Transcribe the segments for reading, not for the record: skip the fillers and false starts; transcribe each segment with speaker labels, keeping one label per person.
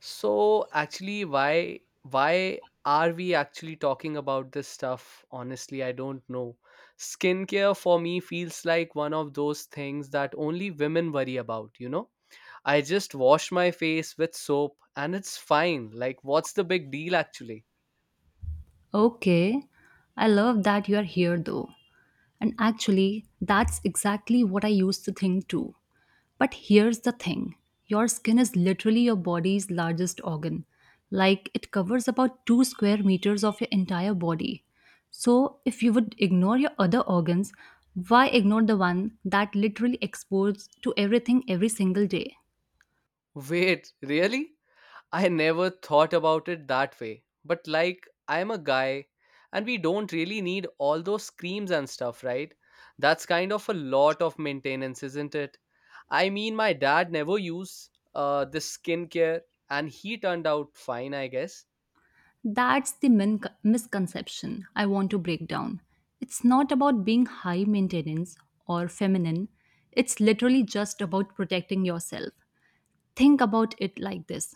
Speaker 1: So actually, why are we actually talking about this stuff? Honestly, I don't know. Skincare for me feels like one of those things that only women worry about, you know? I just wash my face with soap and it's fine. Like, what's the big deal actually?
Speaker 2: Okay, I love that you are here though. And actually, that's exactly what I used to think too. But here's the thing, your skin is literally your body's largest organ. Like, it covers about 2 square meters of your entire body. So, if you would ignore your other organs, why ignore the one that literally exposed to everything every single day?
Speaker 1: Wait, really? I never thought about it that way. But like, I'm a guy, and we don't really need all those screams and stuff, right? That's kind of a lot of maintenance, isn't it? I mean, my dad never used this skincare, and he turned out fine, I guess.
Speaker 2: That's the misconception I want to break down. It's not about being high maintenance or feminine, it's literally just about protecting yourself. Think about it like this,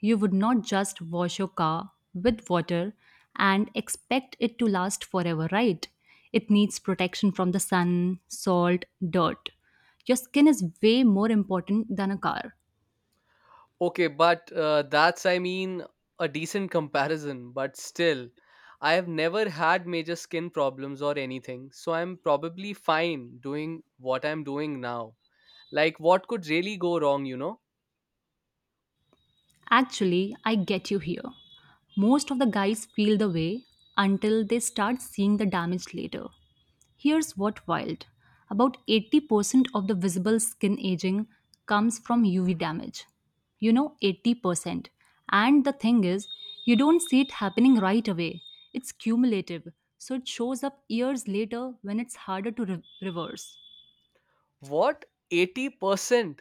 Speaker 2: you would not just wash your car with water and expect it to last forever, right? It needs protection from the sun, salt, dirt. Your skin is way more important than a car.
Speaker 1: Okay, but that's, I mean, a decent comparison, but still, I have never had major skin problems or anything, so I'm probably fine doing what I'm doing now. Like, what could really go wrong, you know?
Speaker 2: Actually, I get you here. Most of the guys feel the way until they start seeing the damage later. Here's what wild, about 80% of the visible skin aging comes from UV damage. You know, 80%. And the thing is, you don't see it happening right away, it's cumulative, so it shows up years later when it's harder to reverse.
Speaker 1: What? 80%?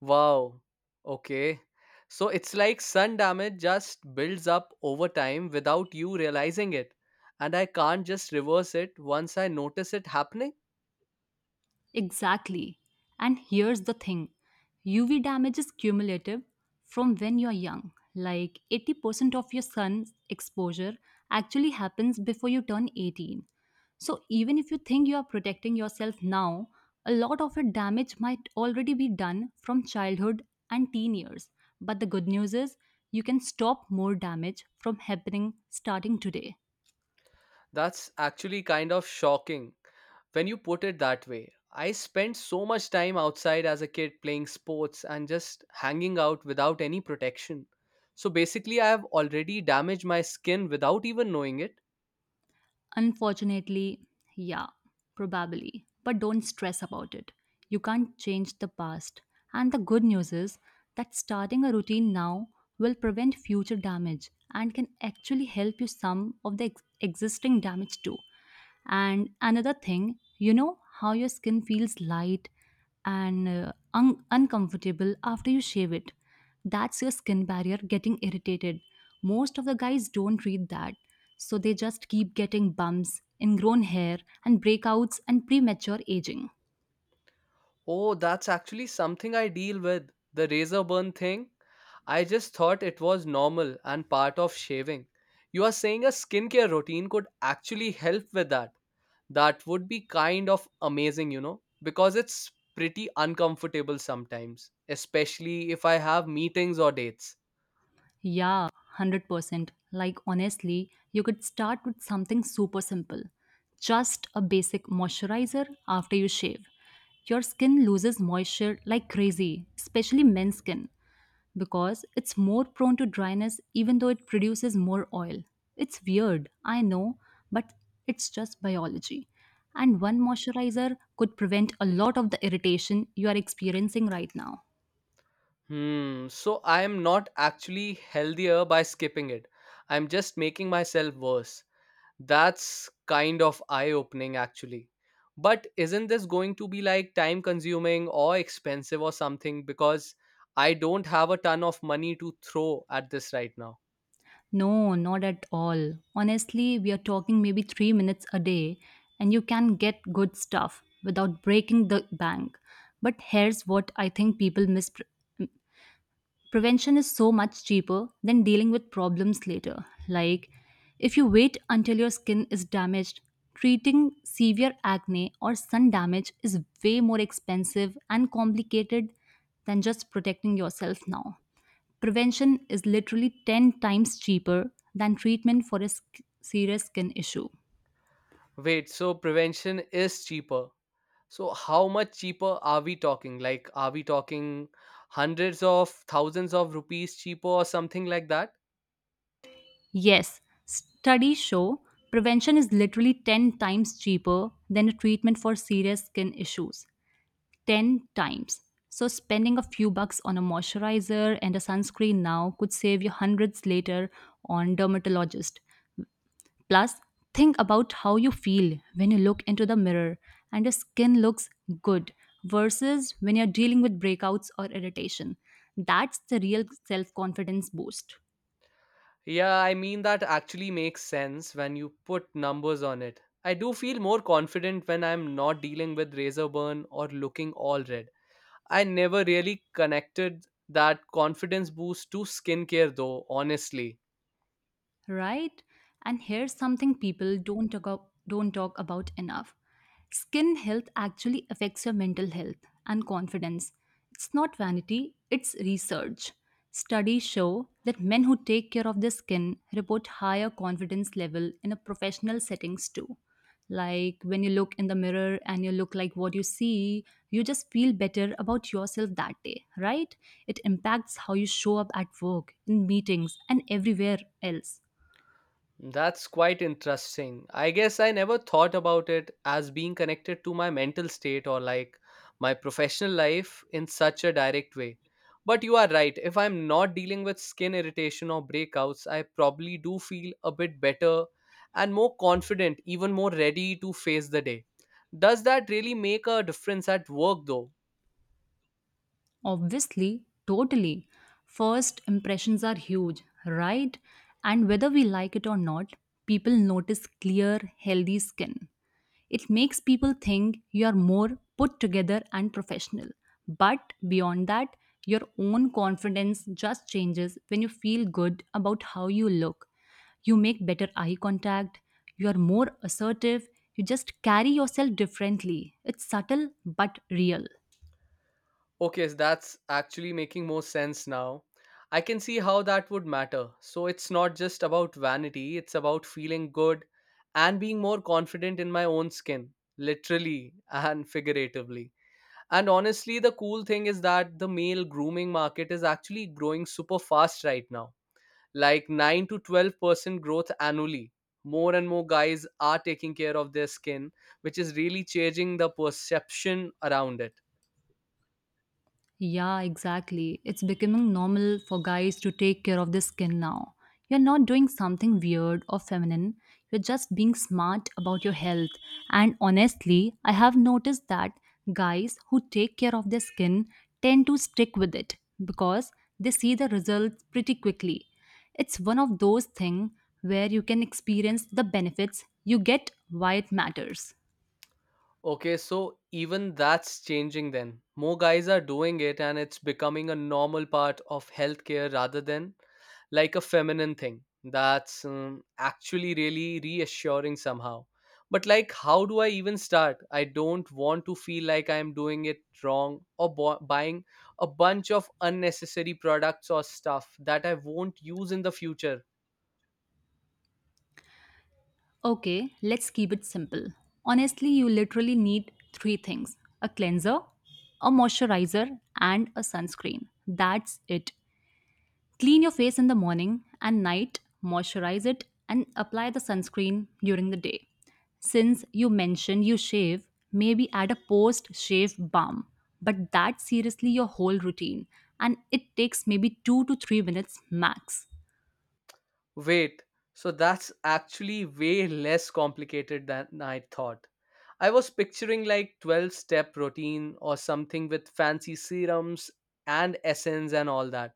Speaker 1: Wow. Okay. So it's like sun damage just builds up over time without you realizing it. And I can't just reverse it once I notice it happening.
Speaker 2: Exactly. And here's the thing, UV damage is cumulative from when you're young. Like 80% of your sun's exposure actually happens before you turn 18. So even if you think you are protecting yourself now, a lot of your damage might already be done from childhood and teen years. But the good news is you can stop more damage from happening starting today.
Speaker 1: That's actually kind of shocking when you put it that way. I spent so much time outside as a kid playing sports and just hanging out without any protection. So basically, I have already damaged my skin without even knowing it.
Speaker 2: Unfortunately, yeah, probably. But don't stress about it. You can't change the past. And the good news is that starting a routine now will prevent future damage and can actually help you some of the existing damage too. And another thing, you know how your skin feels light and uncomfortable after you shave it. That's your skin barrier getting irritated. Most of the guys don't read that. So they just keep getting bumps, ingrown hair, and breakouts and premature aging.
Speaker 1: Oh, that's actually something I deal with, the razor burn thing. I just thought it was normal and part of shaving. You are saying a skincare routine could actually help with that. That would be kind of amazing, you know, because it's pretty uncomfortable sometimes, especially if I have meetings or dates.
Speaker 2: Yeah, 100%. Like, honestly, you could start with something super simple, just a basic moisturizer after you shave. Your skin loses moisture like crazy, especially men's skin, because it's more prone to dryness even though it produces more oil. It's weird, I know, but it's just biology. And one moisturizer could prevent a lot of the irritation you are experiencing right now.
Speaker 1: Hmm, so I am not actually healthier by skipping it. I'm just making myself worse. That's kind of eye opening, actually. But isn't this going to be like time consuming or expensive or something? Because I don't have a ton of money to throw at this right now.
Speaker 2: No, not at all. Honestly, we are talking maybe 3 minutes a day, and you can get good stuff without breaking the bank. But here's what I think people miss, prevention is so much cheaper than dealing with problems later. Like, if you wait until your skin is damaged, treating severe acne or sun damage is way more expensive and complicated than just protecting yourself now. Prevention is literally 10 times cheaper than treatment for a serious skin issue.
Speaker 1: Wait, so prevention is cheaper. So how much cheaper are we talking? Like, are we talking hundreds of thousands of rupees cheaper or something like that?
Speaker 2: Yes, studies show prevention is literally 10 times cheaper than a treatment for serious skin issues. 10 times. So, spending a few bucks on a moisturizer and a sunscreen now could save you hundreds later on dermatologist. Plus, think about how you feel when you look into the mirror and your skin looks good versus when you're dealing with breakouts or irritation. That's the real self confidence boost.
Speaker 1: Yeah, I mean, that actually makes sense when you put numbers on it. I do feel more confident when I'm not dealing with razor burn or looking all red. I never really connected that confidence boost to skincare, though, honestly.
Speaker 2: Right? And here's something people don't talk about enough. Skin health actually affects your mental health and confidence. It's not vanity, it's research. Studies show that men who take care of their skin report higher confidence level in a professional settings too. Like when you look in the mirror and you look like what you see, you just feel better about yourself that day, right? It impacts how you show up at work, in meetings, and everywhere else.
Speaker 1: That's quite interesting. I guess I never thought about it as being connected to my mental state or like my professional life in such a direct way. But you are right. If I'm not dealing with skin irritation or breakouts, I probably do feel a bit better and more confident, even more ready to face the day. Does that really make a difference at work though?
Speaker 2: Obviously, totally. First impressions are huge, right? And whether we like it or not, people notice clear, healthy skin. It makes people think you are more put together and professional. But beyond that, your own confidence just changes when you feel good about how you look. You make better eye contact, you are more assertive, you just carry yourself differently. It's subtle but real.
Speaker 1: Okay, so that's actually making more sense now. I can see how that would matter. So it's not just about vanity, it's about feeling good and being more confident in my own skin, literally and figuratively. And honestly, the cool thing is that the male grooming market is actually growing super fast right now, like 9 to 12% growth annually. More and more guys are taking care of their skin, which is really changing the perception around it.
Speaker 2: Yeah, exactly. It's becoming normal for guys to take care of their skin now. You're not doing something weird or feminine, you're just being smart about your health. And honestly, I have noticed that guys who take care of their skin tend to stick with it because they see the results pretty quickly. It's one of those things where you can experience the benefits you get why it matters.
Speaker 1: Okay, so even that's changing then. More guys are doing it and it's becoming a normal part of healthcare rather than like a feminine thing. That's actually really reassuring somehow. But like, how do I even start? I don't want to feel like I'm doing it wrong or buying a bunch of unnecessary products or stuff that I won't use in the future.
Speaker 2: Okay, let's keep it simple. Honestly, you literally need three things, a cleanser, a moisturizer, and a sunscreen. That's it. Clean your face in the morning and night, moisturize it, and apply the sunscreen during the day. Since you mentioned you shave, maybe add a post shave balm. But that's seriously your whole routine, and it takes maybe 2 to 3 minutes max.
Speaker 1: Wait, so that's actually way less complicated than I thought. I was picturing like 12 step routine or something with fancy serums and essence and all that.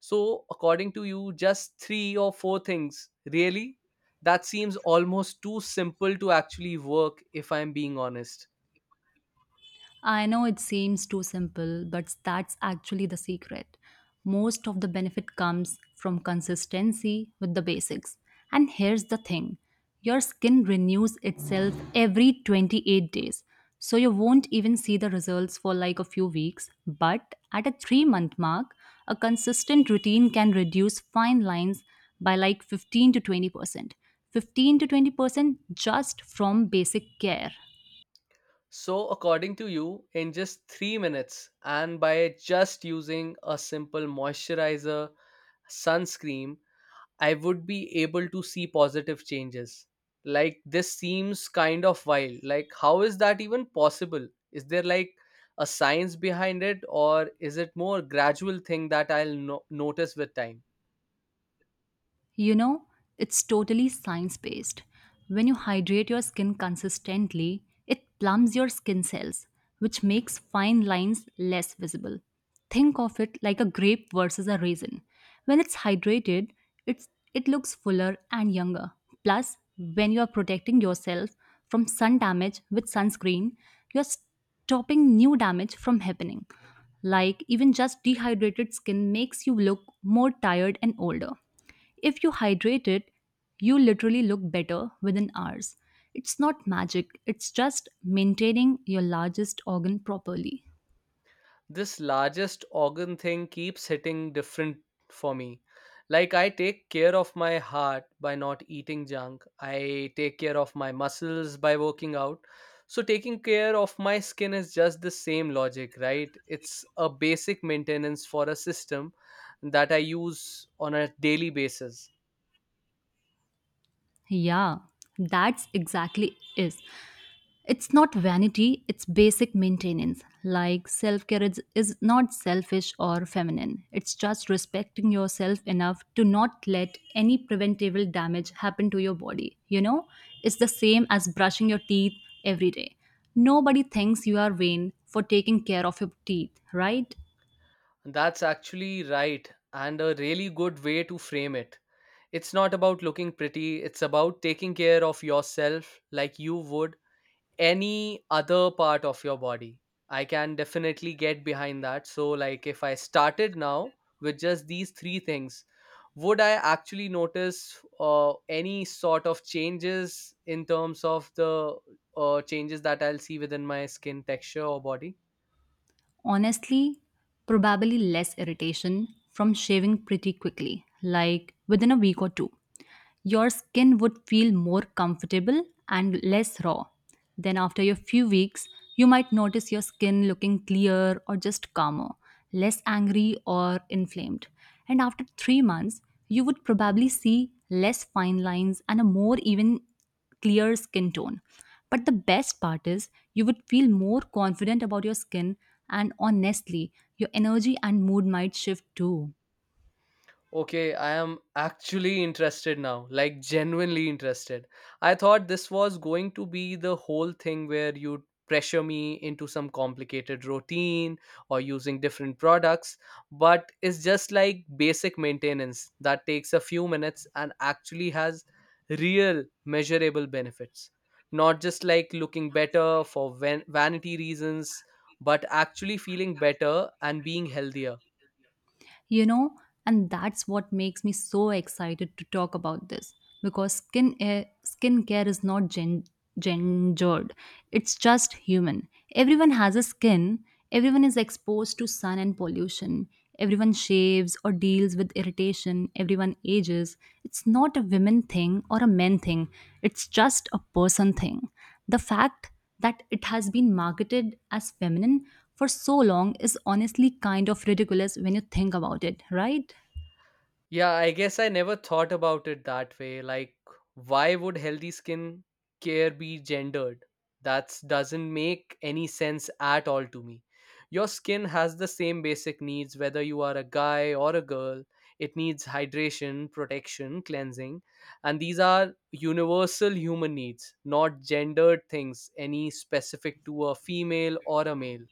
Speaker 1: So, according to you, just three or four things, really? That seems almost too simple to actually work if I'm being honest.
Speaker 2: I know it seems too simple, but that's actually the secret. Most of the benefit comes from consistency with the basics. And here's the thing, your skin renews itself every 28 days. So you won't even see the results for like a few weeks. But at a 3 month mark, a consistent routine can reduce fine lines by like 15 to 20%. 15 to 20% just from basic care.
Speaker 1: So, according to you, in just 3 minutes and by just using a simple moisturizer, sunscreen, I would be able to see positive changes. Like, this seems kind of wild. Like, how is that even possible? Is there like a science behind it, or is it more gradual thing that I'll notice with time?
Speaker 2: You know, it's totally science based. When you hydrate your skin consistently, it plumps your skin cells, which makes fine lines less visible. Think of it like a grape versus a raisin. When it's hydrated, it's, it looks fuller and younger. Plus, when you are protecting yourself from sun damage with sunscreen, you're stopping new damage from happening. Like, even just dehydrated skin makes you look more tired and older. If you hydrate it, you literally look better within hours. It's not magic, it's just maintaining your largest organ properly.
Speaker 1: This largest organ thing keeps hitting different for me. Like, I take care of my heart by not eating junk, I take care of my muscles by working out. So, taking care of my skin is just the same logic, right? It's a basic maintenance for a system that I use on a daily basis.
Speaker 2: Yeah, that's exactly it. It's not vanity, it's basic maintenance. Like self care is not selfish or feminine. It's just respecting yourself enough to not let any preventable damage happen to your body. You know, it's the same as brushing your teeth every day. Nobody thinks you are vain for taking care of your teeth, right?
Speaker 1: That's actually right, and a really good way to frame it. It's not about looking pretty, it's about taking care of yourself like you would any other part of your body. I can definitely get behind that. So, like, if I started now with just these three things, would I actually notice any sort of changes in terms of the changes that I'll see within my skin texture or body?
Speaker 2: Honestly, probably less irritation from shaving pretty quickly, like within a week or two. Your skin would feel more comfortable and less raw. Then, after a few weeks, you might notice your skin looking clear or just calmer, less angry or inflamed. And after 3 months, you would probably see less fine lines and a more even clear skin tone. But the best part is you would feel more confident about your skin, and honestly, your energy and mood might shift too.
Speaker 1: Okay, I am actually interested now, like genuinely interested. I thought this was going to be the whole thing where you'd pressure me into some complicated routine or using different products, but it's just like basic maintenance that takes a few minutes and actually has real measurable benefits. Not just like looking better for vanity reasons, but actually feeling better and being healthier.
Speaker 2: You know, and that's what makes me so excited to talk about this, because skincare is not gendered. It's just human. Everyone has a skin, everyone is exposed to sun and pollution, everyone shaves or deals with irritation, everyone ages. It's not a women thing or a men thing, it's just a person thing. The fact that it has been marketed as feminine for so long is honestly kind of ridiculous when you think about it, right?
Speaker 1: Yeah, I guess I never thought about it that way. Like, why would healthy skin care be gendered? That doesn't make any sense at all to me. Your skin has the same basic needs whether you are a guy or a girl. It needs hydration, protection, cleansing, and these are universal human needs, not gendered things, any specific to a female or a male.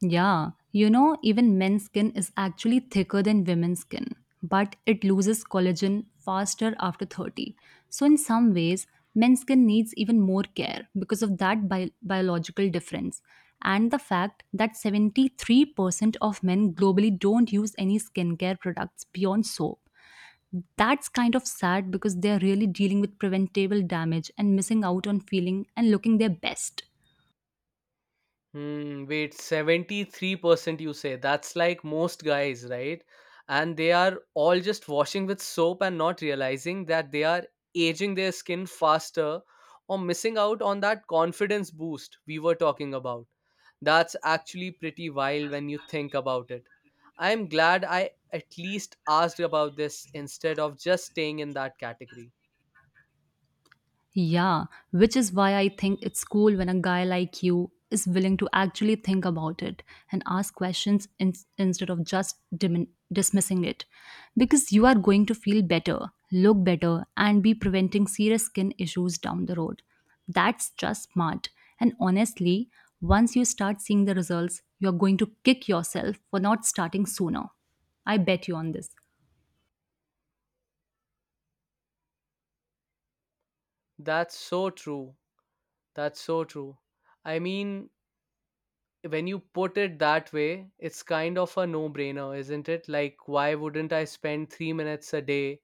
Speaker 2: Yeah, you know, even men's skin is actually thicker than women's skin, but it loses collagen faster after 30. So, in some ways, men's skin needs even more care because of that biological difference and the fact that 73% of men globally don't use any skincare products beyond soap. That's kind of sad because they're really dealing with preventable damage and missing out on feeling and looking their best.
Speaker 1: Hmm, wait, 73% you say. That's like most guys, right? And they are all just washing with soap and not realizing that they are aging their skin faster or missing out on that confidence boost we were talking about. That's actually pretty wild when you think about it. I'm glad I at least asked about this instead of just staying in that category.
Speaker 2: Yeah, which is why I think it's cool when a guy like you is willing to actually think about it and ask questions instead of just dismissing it. Because you are going to feel better, look better, and be preventing serious skin issues down the road. That's just smart. And honestly, once you start seeing the results, you're going to kick yourself for not starting sooner. I bet you on this.
Speaker 1: That's so true. That's so true. I mean, when you put it that way, it's kind of a no brainer, isn't it? Like, why wouldn't I spend 3 minutes a day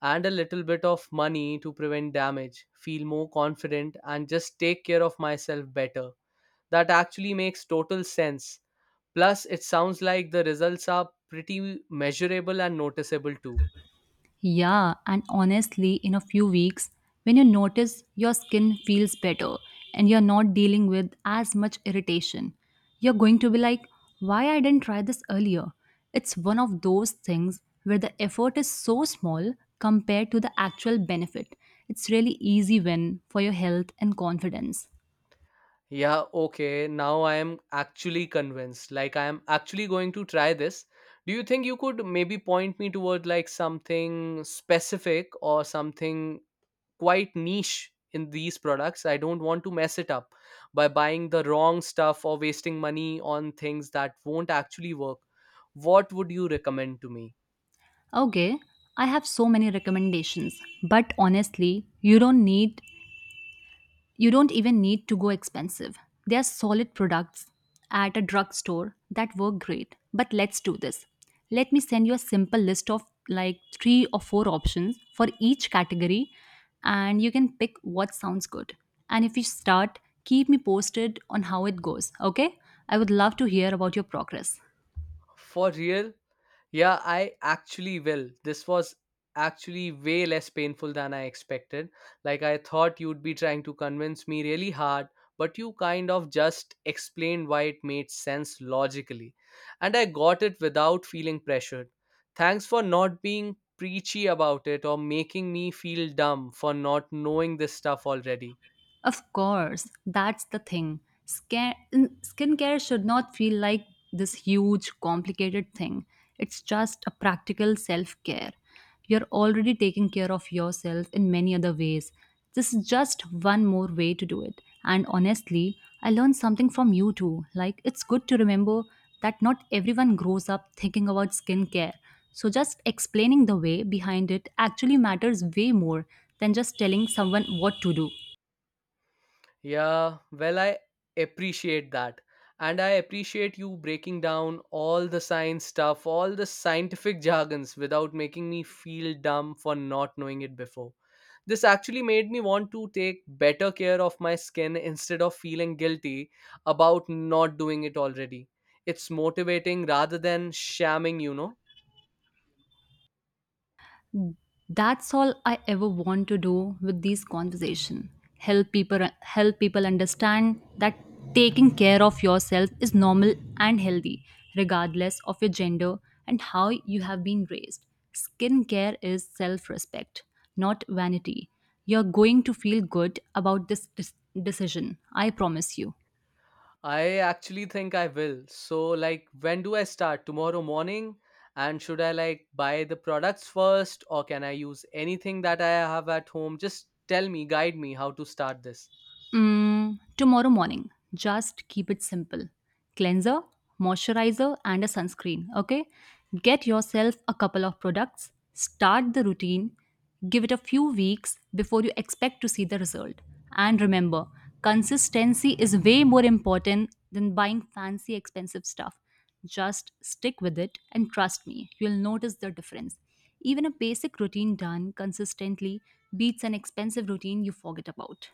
Speaker 1: and a little bit of money to prevent damage, feel more confident, and just take care of myself better? That actually makes total sense. Plus, it sounds like the results are pretty measurable and noticeable too.
Speaker 2: Yeah, and honestly, in a few weeks, when you notice your skin feels better and you're not dealing with as much irritation, you're going to be like, why I didn't try this earlier? It's one of those things where the effort is so small compared to the actual benefit. It's really easy win for your health and confidence.
Speaker 1: Yeah, okay. Now I am actually convinced. Like I am actually going to try this. Do you think you could maybe point me toward like something specific or something quite niche in these products? I don't want to mess it up by buying the wrong stuff or wasting money on things that won't actually work. What would you recommend to me?
Speaker 2: Okay, I have so many recommendations, but honestly, you don't even need to go expensive. There are solid products at a drugstore that work great. But let's do this. Let me send you a simple list of like three or four options for each category, and you can pick what sounds good. And if you start, keep me posted on how it goes, okay? I would love to hear about your progress.
Speaker 1: For real? Yeah, I actually will. This was actually way less painful than I expected. Like, I thought you'd be trying to convince me really hard, but you kind of just explained why it made sense logically. And I got it without feeling pressured. Thanks for not being preachy about it or making me feel dumb for not knowing this stuff already.
Speaker 2: Of course, that's the thing. Skin Skincare should not feel like this huge, complicated thing. It's just a practical self care. You're already taking care of yourself in many other ways. This is just one more way to do it. And honestly, I learned something from you too. Like, it's good to remember that not everyone grows up thinking about skincare. So, just explaining the way behind it actually matters way more than just telling someone what to do.
Speaker 1: Yeah, well, I appreciate that. And I appreciate you breaking down all the science stuff, all the scientific jargons without making me feel dumb for not knowing it before. This actually made me want to take better care of my skin instead of feeling guilty about not doing it already. It's motivating rather than shamming, you know.
Speaker 2: That's all I ever want to do with these conversation. Help people understand that taking care of yourself is normal and healthy regardless of your gender and how you have been raised. Skincare is self-respect, not vanity. You're going to feel good about this decision. I promise you.
Speaker 1: I actually think I will. So, like, when do I start? Tomorrow morning? And should I, like, buy the products first, or can I use anything that I have at home? Just tell me, guide me how to start this.
Speaker 2: Mm, tomorrow morning. Just keep it simple. Cleanser, moisturizer, and a sunscreen. Okay? Get yourself a couple of products. Start the routine. Give it a few weeks before you expect to see the result. And remember, consistency is way more important than buying fancy, expensive stuff. Just stick with it and trust me, you'll notice the difference. Even a basic routine done consistently beats an expensive routine you forget about.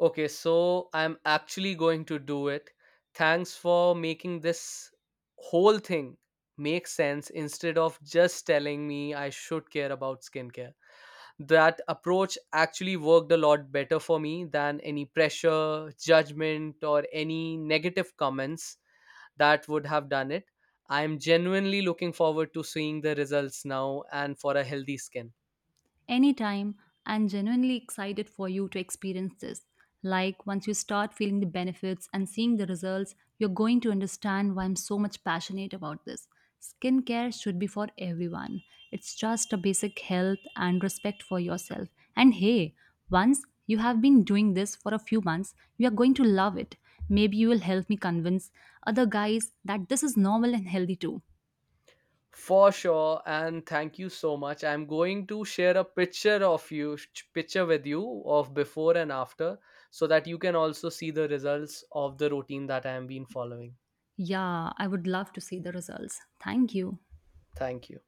Speaker 1: Okay, so I'm actually going to do it. Thanks for making this whole thing make sense instead of just telling me I should care about skincare. That approach actually worked a lot better for me than any pressure, judgment, or any negative comments that would have done it. I'm genuinely looking forward to seeing the results now and for a healthy skin.
Speaker 2: Anytime, I'm genuinely excited for you to experience this. Like, once you start feeling the benefits and seeing the results, you're going to understand why I'm so much passionate about this. Skincare should be for everyone. It's just a basic health and respect for yourself. And hey, once you have been doing this for a few months, you are going to love it. Maybe you will help me convince other guys that this is normal and healthy too.
Speaker 1: For sure, and thank you so much. I'm going to share a picture of picture with you of before and after, so that you can also see the results of the routine that I have been following.
Speaker 2: Yeah, I would love to see the results. Thank you.
Speaker 1: Thank you.